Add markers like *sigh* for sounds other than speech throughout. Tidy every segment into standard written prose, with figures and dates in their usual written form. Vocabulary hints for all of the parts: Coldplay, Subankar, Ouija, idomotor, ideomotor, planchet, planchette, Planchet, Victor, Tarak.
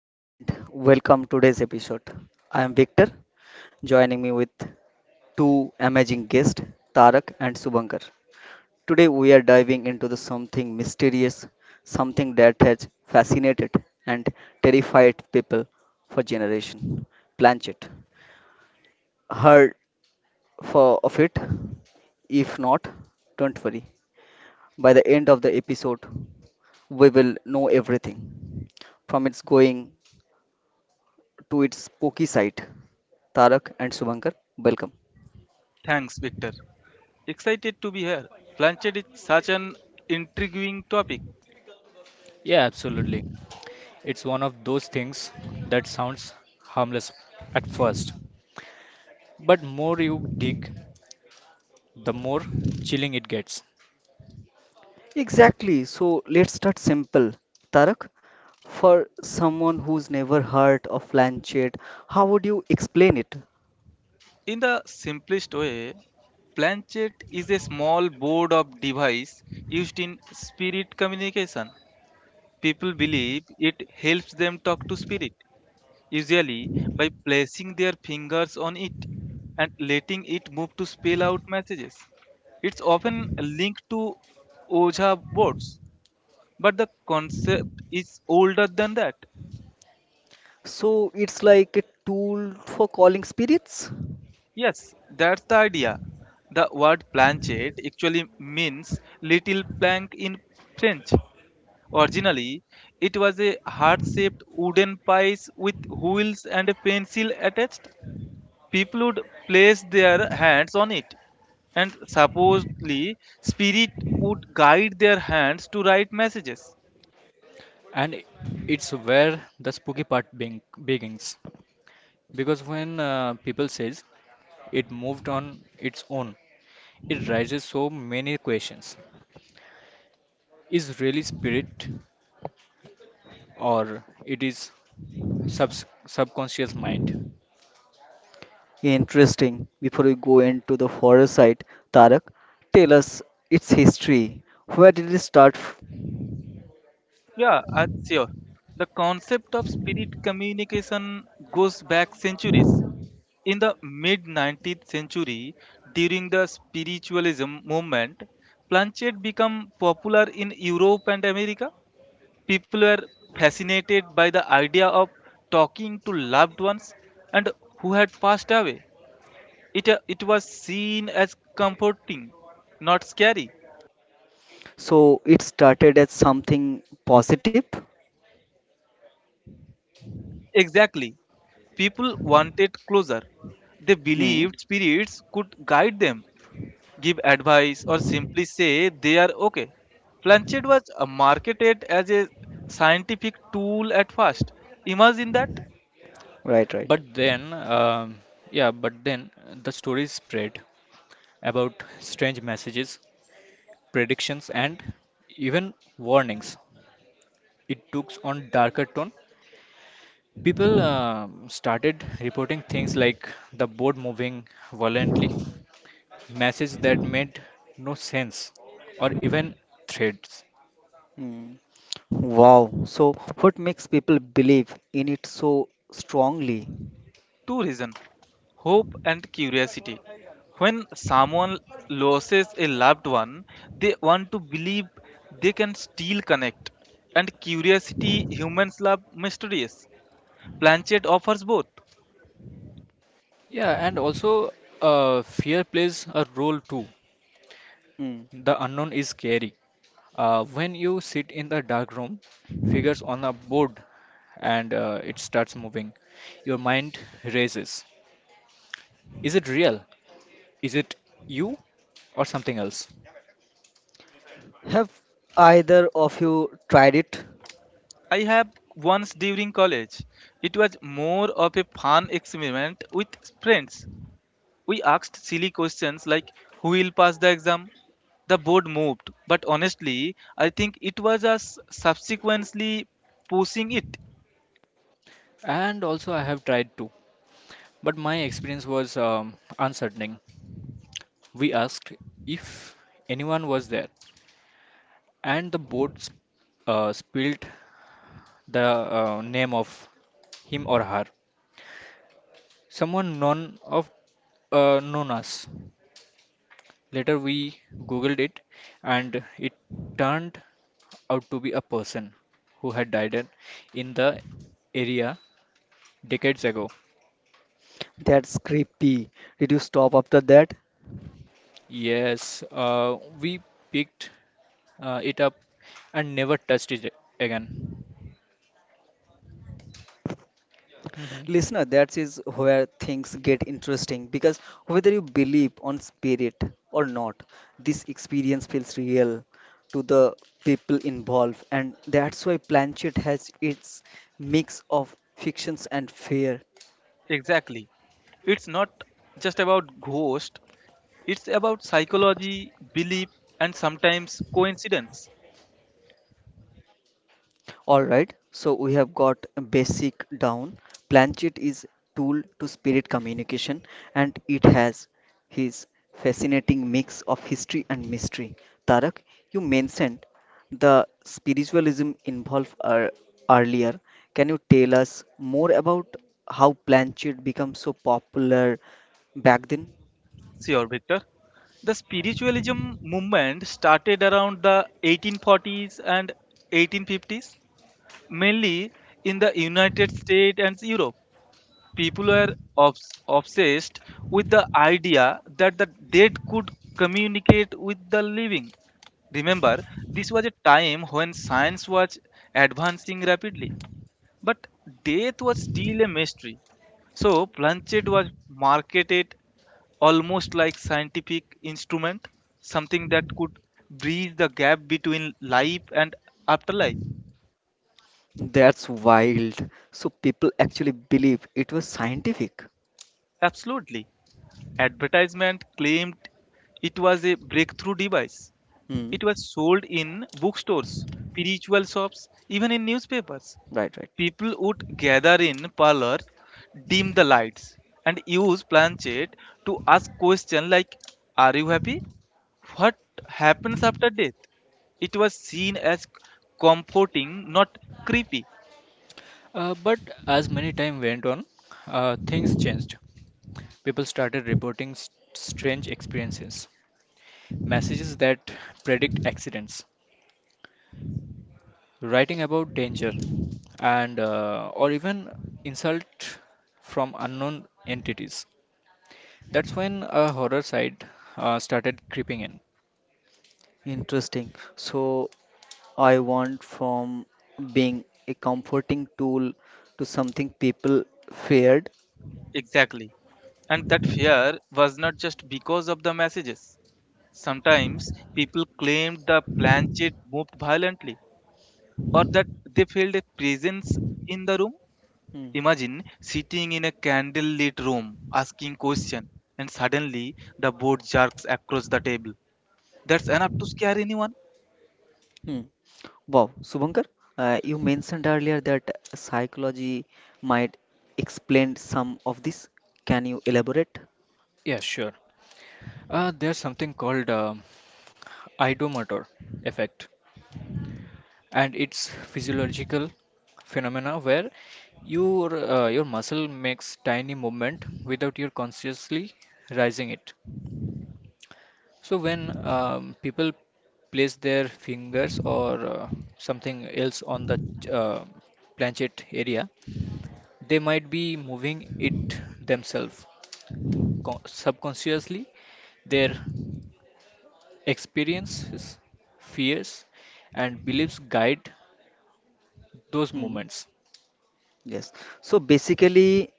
and welcome today's episode. I am Victor joining me with two amazing guests Tarak and Subankar. Today we are diving into the something mysterious, something that has fascinated and terrified people for generations. Planchet. Heard for of it? If not, don't worry. By the end of the episode, we will know everything from its going to its spooky side Tarak and Subankar. Welcome. Thanks, Victor. Excited to be here. Planchet is such an intriguing topic. Yeah, absolutely. It's one of those things that sounds harmless at first, but more you dig, the more chilling it gets. Exactly. So let's start simple. Tarak, for someone who's never heard of Lancet, how would you explain it? In the simplest way, planchet is a small board of device used in spirit communication. People believe it helps them talk to spirit, usually by placing their fingers on it and letting it move to spell out messages. It's often linked to Oja boards, but the concept is older than that. So it's like a tool for calling spirits? Yes, that's the idea. The word planchette actually means little plank in French. Originally, it was a heart shaped wooden piece with wheels and a pencil attached. People would place their hands on it, and supposedly, spirit would guide their hands to write messages. And it's where the spooky part begins. Because when people says it moved on its own, it raises so many questions. Is really spirit or it is sub subconscious mind? Interesting. Before we go into the horror side, Tarak, tell us its history. Where did it start? Yeah, sure. The concept of spirit communication goes back centuries. In the mid 19th century, during the spiritualism movement, planchette became popular in Europe and America. People were fascinated by the idea of talking to loved ones and who had passed away. It was seen as comforting, not scary. So it started as something positive? Exactly. People wanted closure. They Hmm. believed spirits could guide them, give advice, or simply say they are okay. Planchet was marketed as a scientific tool at first. Imagine that. Right, right. But then, um yeah, but then the stories spread about strange messages predictions, and even warnings. It took on darker tone. People started reporting things like the boat moving violently, messages that made no sense, or even threats. Hmm. Wow. So, what makes people believe in it so strongly? Two reasons: hope and curiosity. When someone loses a loved one, they want to believe they can still connect. And curiosity, humans love mysteries. Planchet offers both. Yeah, and also fear plays a role too. Mm. The unknown is scary. When you sit in the dark room, figures on a board, and it starts moving, your mind races. Is it real? Is it you or something else? Have either of you tried it? I have, once during college. It was more of a fun experiment with friends. We asked silly questions like who will pass the exam? The board moved, but honestly, I think it was us subsequently pushing it. And also, I have tried to, but my experience was uncertaining. We asked if anyone was there, and the boat spilled the name of him or her. Someone known of known us. Later, we googled it, and it turned out to be a person who had died in the area decades ago. That's creepy. Did you stop after that? Yes, we picked it up and never touched it again. Mhm. Listener, that is where things get interesting because whether you believe on spirit or not, this experience feels real to the people involved, and that's why Planchet has its mix of fictions and fear. Exactly. It's not just about ghost, it's about psychology, belief, and sometimes coincidence. All right, so we have got basic down. Planchet is tool to spirit communication and it has his fascinating mix of history and mystery. Tarak, you mentioned the spiritualism involved earlier. Can you tell us more about how Planchet became so popular back then? Sure, Victor. The spiritualism movement started around the 1840s and 1850s, mainly in the United States and Europe. People were obsessed with the idea that the dead could communicate with the living. Remember, this was a time when science was advancing rapidly but death was still a mystery. So Planchet was marketed almost like scientific instrument, something that could bridge the gap between life and afterlife. That's wild. So people actually believe it was scientific. Absolutely. Advertisement claimed it was a breakthrough device. Hmm. It was sold in bookstores, spiritual shops, even in newspapers. Right, right. People would gather in parlors, dim the lights, and use planchet to ask questions like, Are you happy? What happens after death? It was seen as comforting, not creepy. But as many time went on, things changed. People started reporting strange experiences, messages that predict accidents, writing about danger, and or even insult from unknown entities. That's when a horror side started creeping in. Interesting. So I want from being a comforting tool to something people feared. Exactly. And that fear was not just because of the messages. Sometimes people claimed the planchet moved violently or that they felt a presence in the room. Hmm. Imagine sitting in a candlelit room asking question and suddenly the board jerks across the table. That's enough to scare anyone. Hmm. Wow, Subhankar, you mentioned earlier that psychology might explain some of this. Can you elaborate? Yeah, sure. There's something called idomator effect and it's physiological phenomena where your muscle makes tiny movement without your consciously rising it. So when people place their fingers or something else on the uh, planchet area, they might be moving it themselves. Subconsciously, their experiences, fears, and beliefs guide those Hmm. movements. Yes. So basically,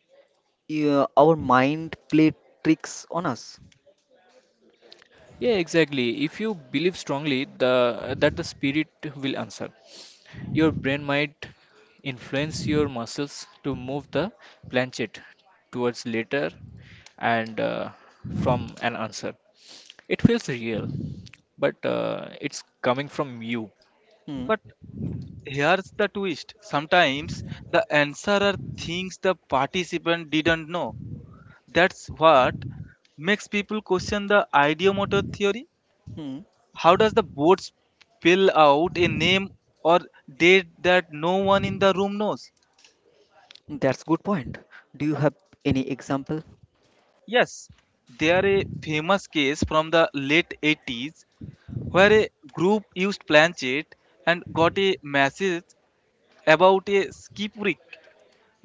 yeah, our mind play tricks on us. Yeah, exactly. If you believe strongly the that the spirit will answer, your brain might influence your muscles to move the planchet towards later and from an answer. It feels real, but it's coming from you, Hmm. But here's the twist. Sometimes the answerer thinks the participant didn't know. That's what makes people question the ideomotor theory. Hmm. How does the board spill out a name or date that no one in the room knows? That's good point. Do you have any example? Yes, there are a famous case from the late 80s where a group used Planchet and got a message about a skip wreck.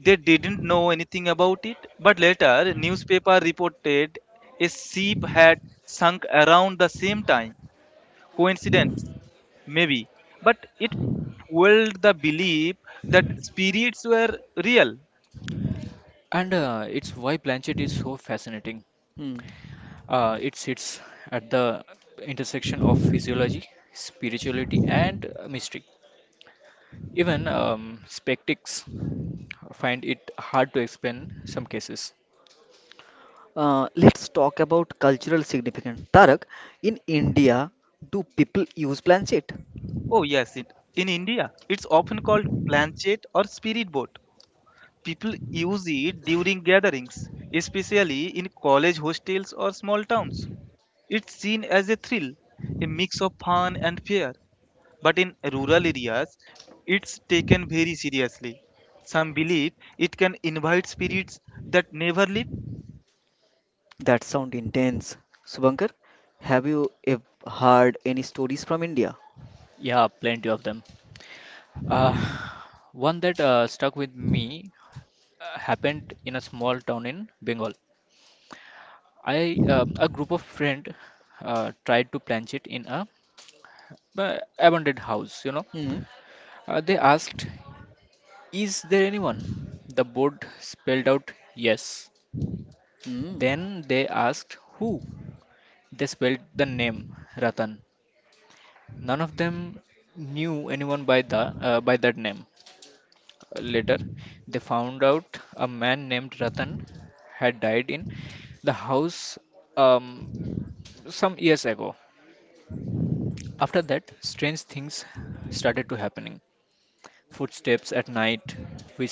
They didn't know anything about it, but later newspaper reported a ship had sunk around the same time. Coincidence, maybe, but it fueled the belief that spirits were real. and it's why planchet is so fascinating. Hmm. It sits at the intersection of physiology, spirituality, and mystery. Even spectics find it hard to explain some cases. Let's talk about cultural significance. Tarak, in India, do people use planchet? Oh yes, it, in india it's often called planchet or spirit boat. People use it during gatherings, especially in college hostels or small towns. It's seen as a thrill, a mix of fun and fear, but in rural areas it's taken very seriously. Some believe it can invite spirits that never leave. That sound intense. Subankar, have you heard any stories from India? Yeah, plenty of them. Uh, one that stuck with me happened in a small town in Bengal. I a group of friend tried to plant it in a abandoned house. You know, Hmm. They asked, "Is there anyone?" The board spelled out yes. Hmm. Then they asked who. They spelled the name Ratan. None of them knew anyone by that name. Later, they found out a man named Ratan had died in the house um, some years ago. After that, strange things started to happening. Footsteps at night,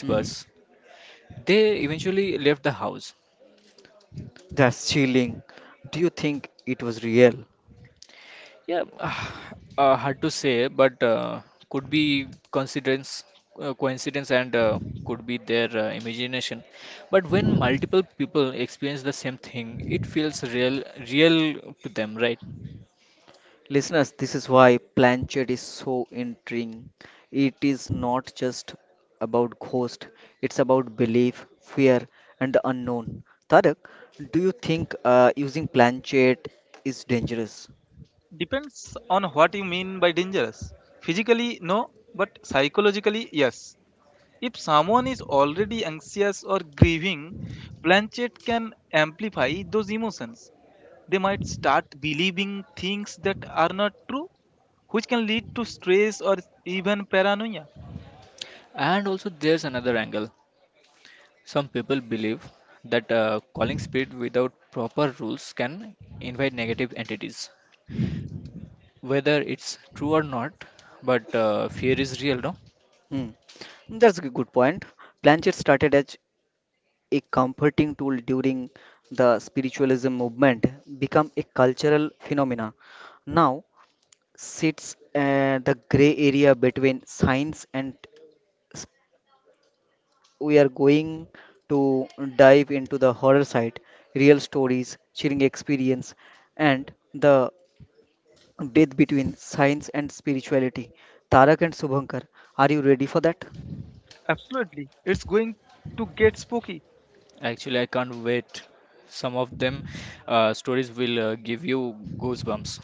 Hmm. They eventually left the house. That's chilling. Do you think it was real? Yeah, *sighs* hard to say, but could be coincidence, and could be their imagination. But when multiple people experience the same thing, it feels real, real to them, right? Listeners, this is why Planchet is so intriguing. It is not just about ghost, it's about belief, fear, and the unknown. Tarek, do you think using Planchet is dangerous? Depends on what you mean by dangerous. Physically, no, but psychologically, yes. If someone is already anxious or grieving, planchet can amplify those emotions. They might start believing things that are not true, which can lead to stress or even paranoia. And also, there's another angle. Some people believe that calling spirit without proper rules can invite negative entities. Whether it's true or not, but fear is real, no? Hmm. That's a good point. Planchet started as a comforting tool during the spiritualism movement, become a cultural phenomena. Now sits the gray area between science and we are going to dive into the horror side, real stories, chilling experience, and the death between science and spirituality. Tarak and Subhankar, are you ready for that? Absolutely, it's going to get spooky. Actually, I can't wait. Some of them stories will give you goosebumps.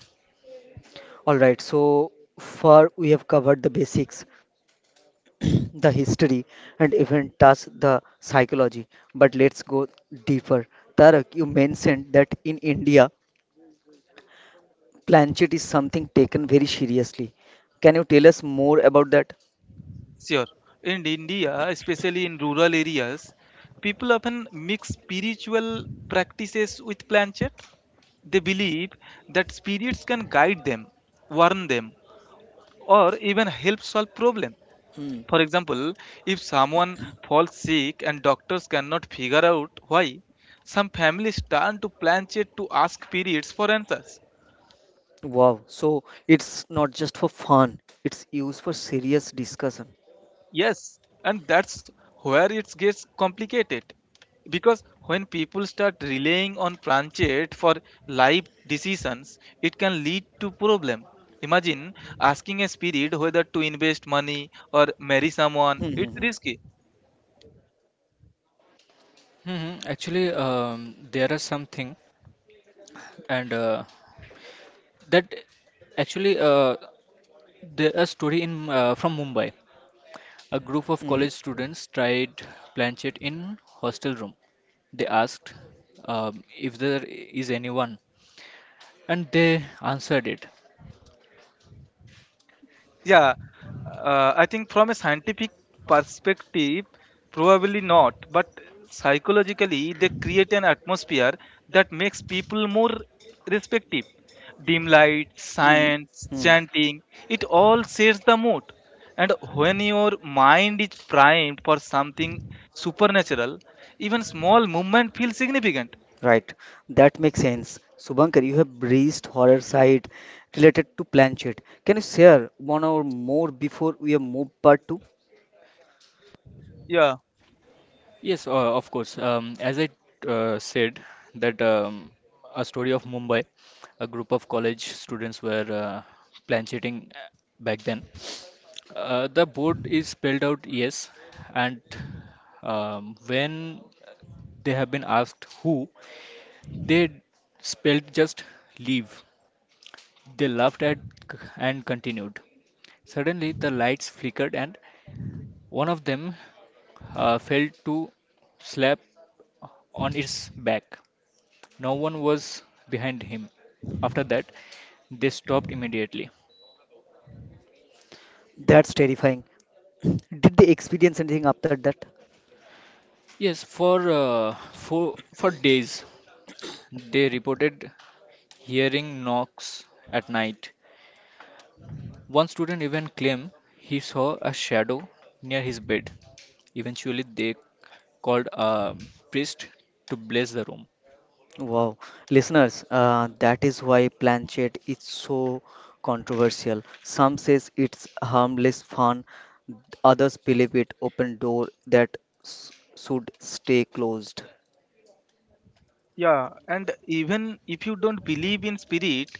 Alright, so far we have covered the basics, *clears throat* the history, and even touched the psychology. But let's go deeper. Tarak, you mentioned that in India, planchet is something taken very seriously. Can you tell us more about that? Sure. In India, especially in rural areas, people often mix spiritual practices with planchet. They believe that spirits can guide them, warn them, or even help solve problems. For example, if someone falls sick and doctors cannot figure out why, some families turn to planchet to ask spirits for answers. Wow, so it's not just for fun, it's used for serious discussion. Yes, and that's where it gets complicated. Because when people start relying on planchet for life decisions, it can lead to problem. Imagine asking a spirit whether to invest money or marry someone. It's Mm-hmm. risky. Hmm. Actually, there are something, and that actually there a story in from Mumbai. A group of college Mm-hmm. students tried planchet in hostel room. They asked if there is anyone, and they answered it. Yeah, I think from a scientific perspective, probably not, but psychologically, they create an atmosphere that makes people more respective. Dim light, Mm-hmm. science, Hmm. chanting, it all sets the mood. And when your mind is primed for something supernatural, even small movement feels significant. Right, that makes sense. Subankar, you have breezed horror side related to Planchet. Can you share one or more before we have moved part two? Yeah, Yes, of course. As I said, that a story of Mumbai, a group of college students were plan cheating back then. The board is spelled out yes, and when they have been asked who, they spelled just leave. They laughed and continued. Suddenly, the lights flickered, and one of them fell to slap on its back. No one was behind him. After that, they stopped immediately. That's terrifying. Did they experience anything after that? Yes, for days, they reported hearing knocks at night. One student even claimed he saw a shadow near his bed. Eventually, they called a priest to bless the room. Wow, listeners, that is why Planchet is so controversial. Some says it's harmless fun, others believe it open door that should stay closed. yeah. And even if you don't believe in spirit,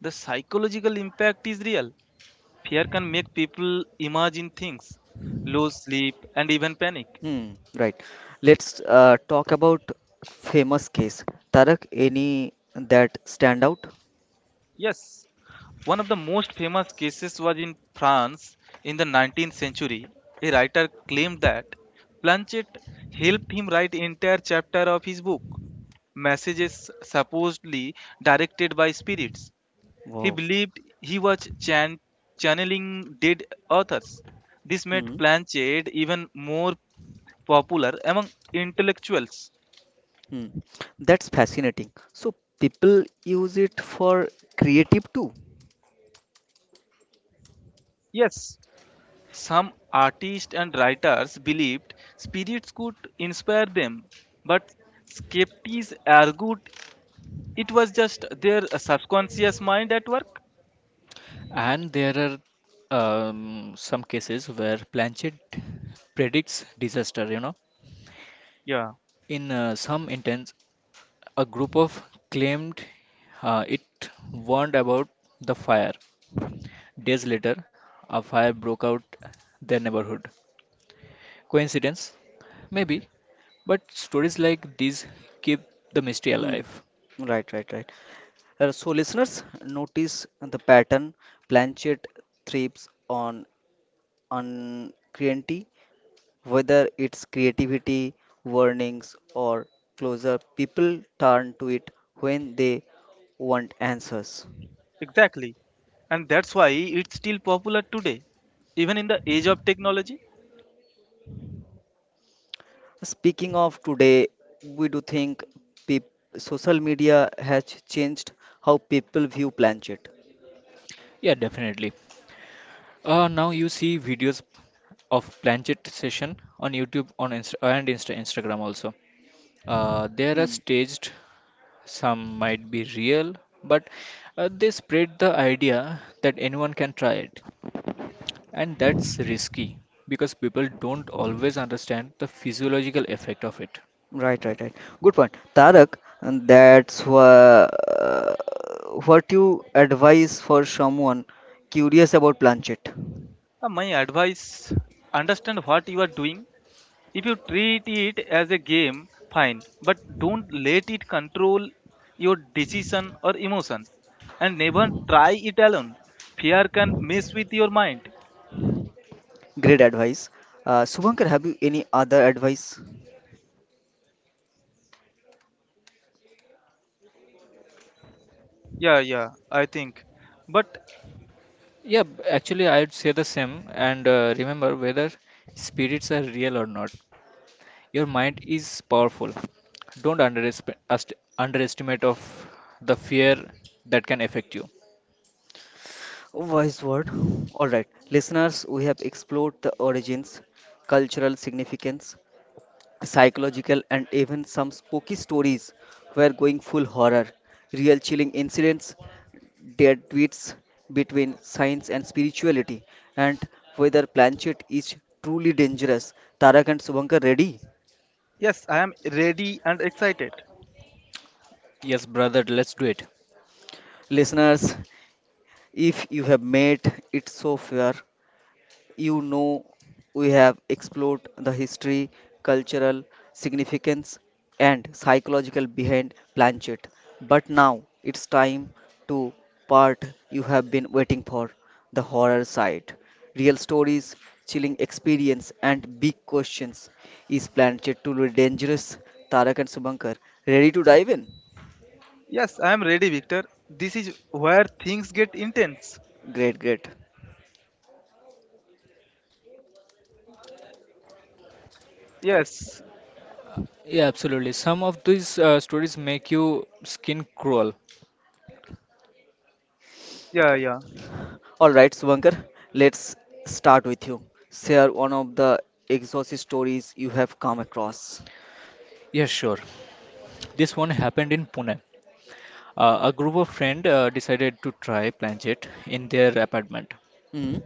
the psychological impact is real. Fear can make people imagine things, lose sleep, and even panic. Hmm, right. Let's talk about famous case. Tarak, any that stand out? Yes, one of the most famous cases was in France in the 19th century. A writer claimed that Planchet helped him write entire chapter of his book, Messages Supposedly Directed by Spirits. He Wow. believed he was channeling dead authors. This made Hmm. Planchet even more popular among intellectuals. Hmm. That's fascinating. So people use it for creative too. Yes, some artists and writers believed spirits could inspire them, but skeptics argued it was just their subconscious mind at work. And there are some cases where Planchet predicts disaster. You know, Yeah, in some intense, a group of claimed it warned about the fire. Days later, a fire broke out their neighborhood. Coincidence? Maybe, but stories like these keep the mystery Hmm. alive. Right, right, right. So, listeners, notice the pattern. Planchet thrives on uncertainty, whether it's creativity, warnings, or closure. People turn to it when they want answers. exactly. And that's why it's still popular today, even in the age of technology. Speaking of today, we do think peop social media has changed how people view Planchet. Yeah, definitely. Now you see videos of planchet session on YouTube on Instagram also. There are staged, some might be real, but they spread the idea that anyone can try it. And that's risky because people don't always understand the physiological effect of it. Right, right, right. Good point, Tarak. And uh, what you advise for someone curious about planchet. My advice: understand what you are doing. If you treat it as a game, fine, but don't let it control your decision or emotions, and never try it alone. Fear can mess with your mind. Great advice. Subhankar, have you any other advice? Yeah yeah I think but Actually, I'd say the same. And remember whether spirits are real or not, your mind is powerful. Don't underestimate of the fear that can affect you. Wise word. All right, listeners, we have explored the origins, cultural significance, psychological, and even some spooky stories were going full horror. Real chilling incidents, dead tweets between science and spirituality, and whether Planchet is truly dangerous. Tarak and Subankar ready? Yes, I am ready and excited. Yes, brother, let's do it. Listeners, if you have made it so far, You know, we have explored the history, cultural significance, and psychological behind Planchet. But now it's time to part you have been waiting for the horror side. Real stories, chilling experience, and big questions. Is Planchet truly dangerous? Tarak and Subankar, ready to dive in? Yes, I am ready, Victor. This is where things get intense. Great, great. Yes. Yeah, absolutely. Some of these stories make you skin crawl. yeah yeah All right, Suvankar, let's start with you. Share one of the exorcist stories you have come across. Yeah, sure. This one happened in Pune. A group of friends decided to try Planchet in their apartment. Hmm.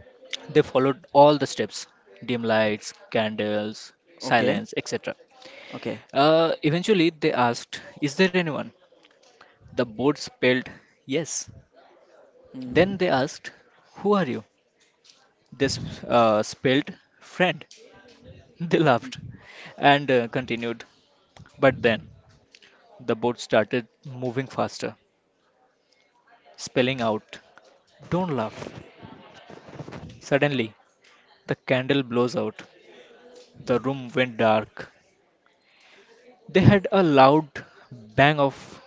They followed all the steps dim lights, candles, Okay. silence, etc. Okay. Eventually, they asked, "Is there anyone?" The board spelled yes. Hmm. Then they asked, "Who are you?" They spelled friend. *laughs* They laughed Hmm. and continued. But then the boat started moving faster, spelling out, "Don't laugh." Suddenly, the candle blows out. The room went dark. They had a loud bang of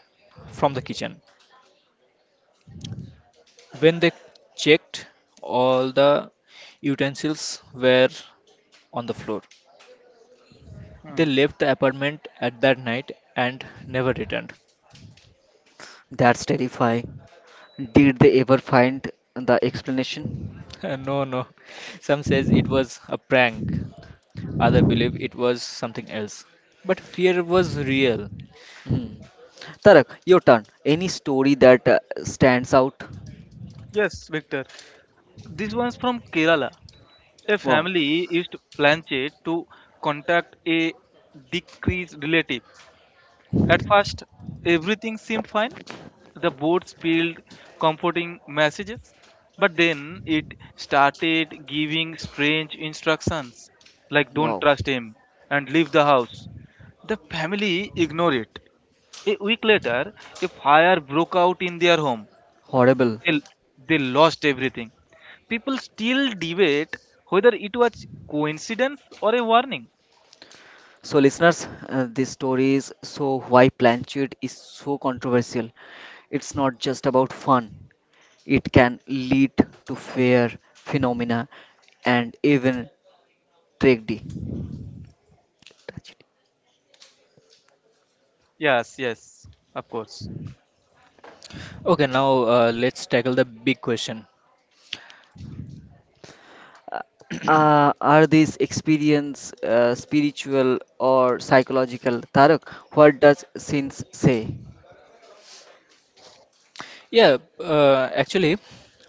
from the kitchen. When they checked, all the utensils were on the floor. They left the apartment at that night and never returned. That's terrifying. Did they ever find the explanation? *laughs* No, no. Some says it was a prank. Other believe it was something else. But fear was real. Hmm. Tarak, your turn. Any story that stands out? yes, Victor, this one's from Kerala. A Wow, family is planned to contact a deceased relative. At first, everything seemed fine. The board spilled comforting messages, but then it started giving strange instructions like don't wow, trust him and leave the house. The family ignored it. A week later, a fire broke out in their home. horrible. They, they lost everything. People still debate whether it was coincidence or a warning. So, listeners, this story is so why Planchet is so controversial. It's not just about fun, it can lead to fear, phenomena, and even tragedy. Tragedy. Yes, yes, of course. Okay, now let's tackle the big question. Uh, are these experience spiritual or psychological? Tarak, what does sins say? Yeah,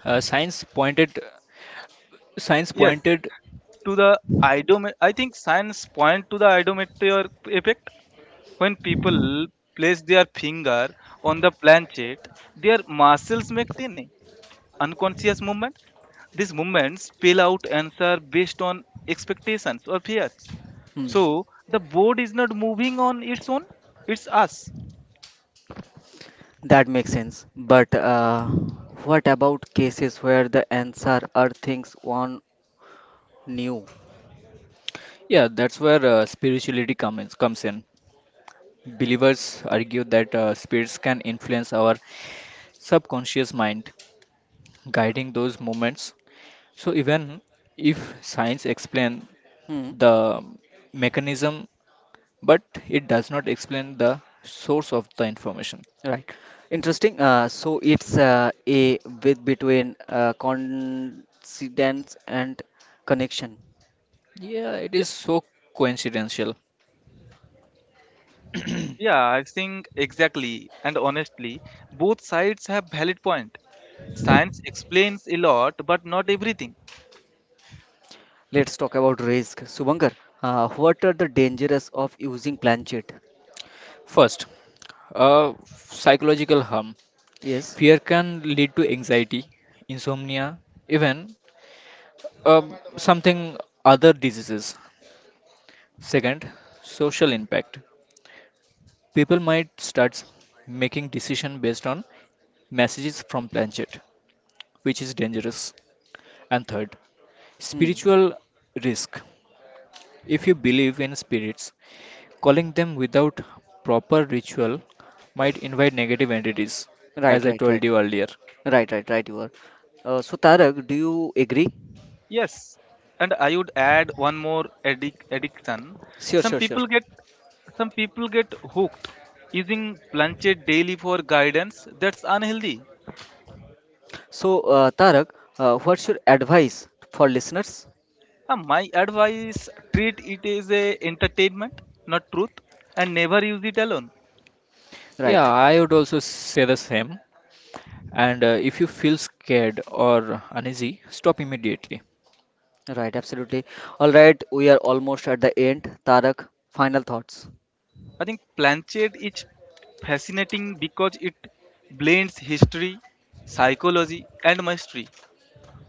uh, science pointed, science Yes, pointed. I think science point to the idometer effect. When people place their finger on the planchet, their muscles make tiny unconscious movement. These movements spell out answer based on expectations or fears. Hmm, So the board is not moving on its own; it's us. that makes sense. But what about cases where the answer are things one knew? Yeah, that's where spirituality comes in. Believers argue that spirits can influence our subconscious mind, guiding those movements. So even if science explain Hmm. the mechanism, but it does not explain the source of the information. Right. Interesting. So it's a with between coincidence and connection. Yeah, it Yeah, is so coincidental. yeah, I think Exactly. And honestly, both sides have valid point. Science explains a lot, but not everything. Let's talk about risk. Subankar, what are the dangers of using planchet? First, psychological harm. Yes. Fear can lead to anxiety, insomnia, even something other diseases. Second, social impact. People might start making decision based on messages from planchet, which is dangerous. And third, Hmm. spiritual risk. If you believe in spirits, calling them without proper ritual might invite negative entities, as Right, I right, told right. you earlier. Right, right, right, you are. So, Tarak, do you agree? Yes. And I would add one more, addiction. Sure, Some sure, sure. people get some people get hooked using planchet daily for guidance. That's unhealthy. So, Tarak, what's your advice for listeners? My advice: treat it as a entertainment, not truth, and never use it alone. Yeah, Right, I would also say the same. And if you feel scared or uneasy, stop immediately. right, absolutely. All right, we are almost at the end. Tarak, final thoughts. I think Planchet is fascinating because it blends history, psychology, and mystery.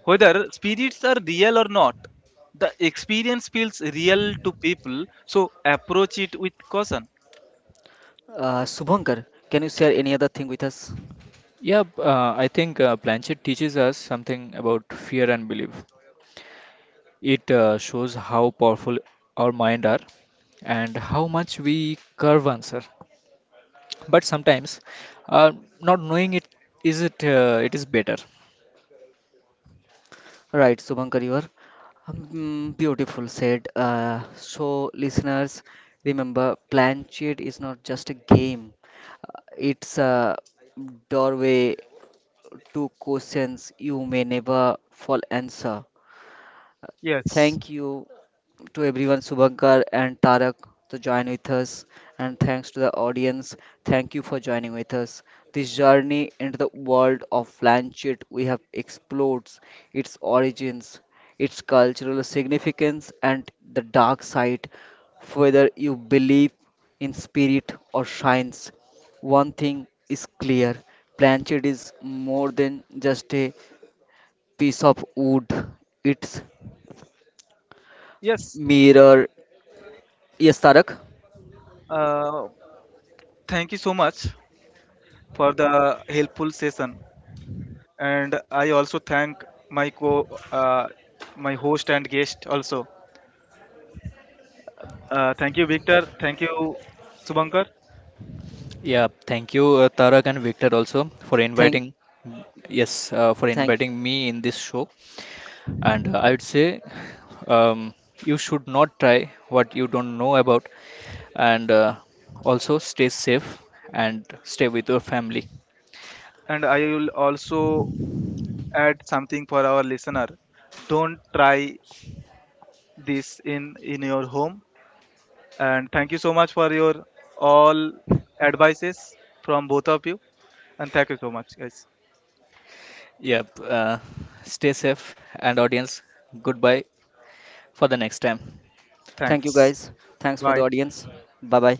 Whether spirits are real or not, the experience feels real to people, so approach it with caution. Subankar, can you share any other thing with us? I think Planchet teaches us something about fear and belief. It shows how powerful our mind are and how much we curve answer. But sometimes, uh, not knowing it is better. Right, Subhankar, you are. Beautiful said. So, listeners, remember, plan cheat is not just a game. Uh, It's a doorway to questions you may never fall answer. Yes, Thank you to everyone, Subhankar and Tarak, to join with us. And thanks to the audience. Thank you for joining with us. This journey into the world of Planchet we have explored its origins, its cultural significance, and the dark side. Whether you believe in spirit or science, one thing is clear Planchet is more than just a piece of wood, it's yes. mirror. Yes, Tarak. Uh, Thank you so much for the helpful session, and I also thank my my host and guest also. Thank you, Victor. Thank you, Subankar. Yeah, thank you, Tarak and Victor, also for Thank inviting. Yes, for Thank, inviting me in this show. And I would say, um, you should not try what you don't know about, and also stay safe and stay with your family. And I will also add something for our listener. Don't try this in your home. And thank you so much for your all advices from both of you. And thank you so much, guys. Yep, stay safe and audience. Goodbye for the next time. thank you Thanks. guys. Thanks for the Bye. audience. Bye bye.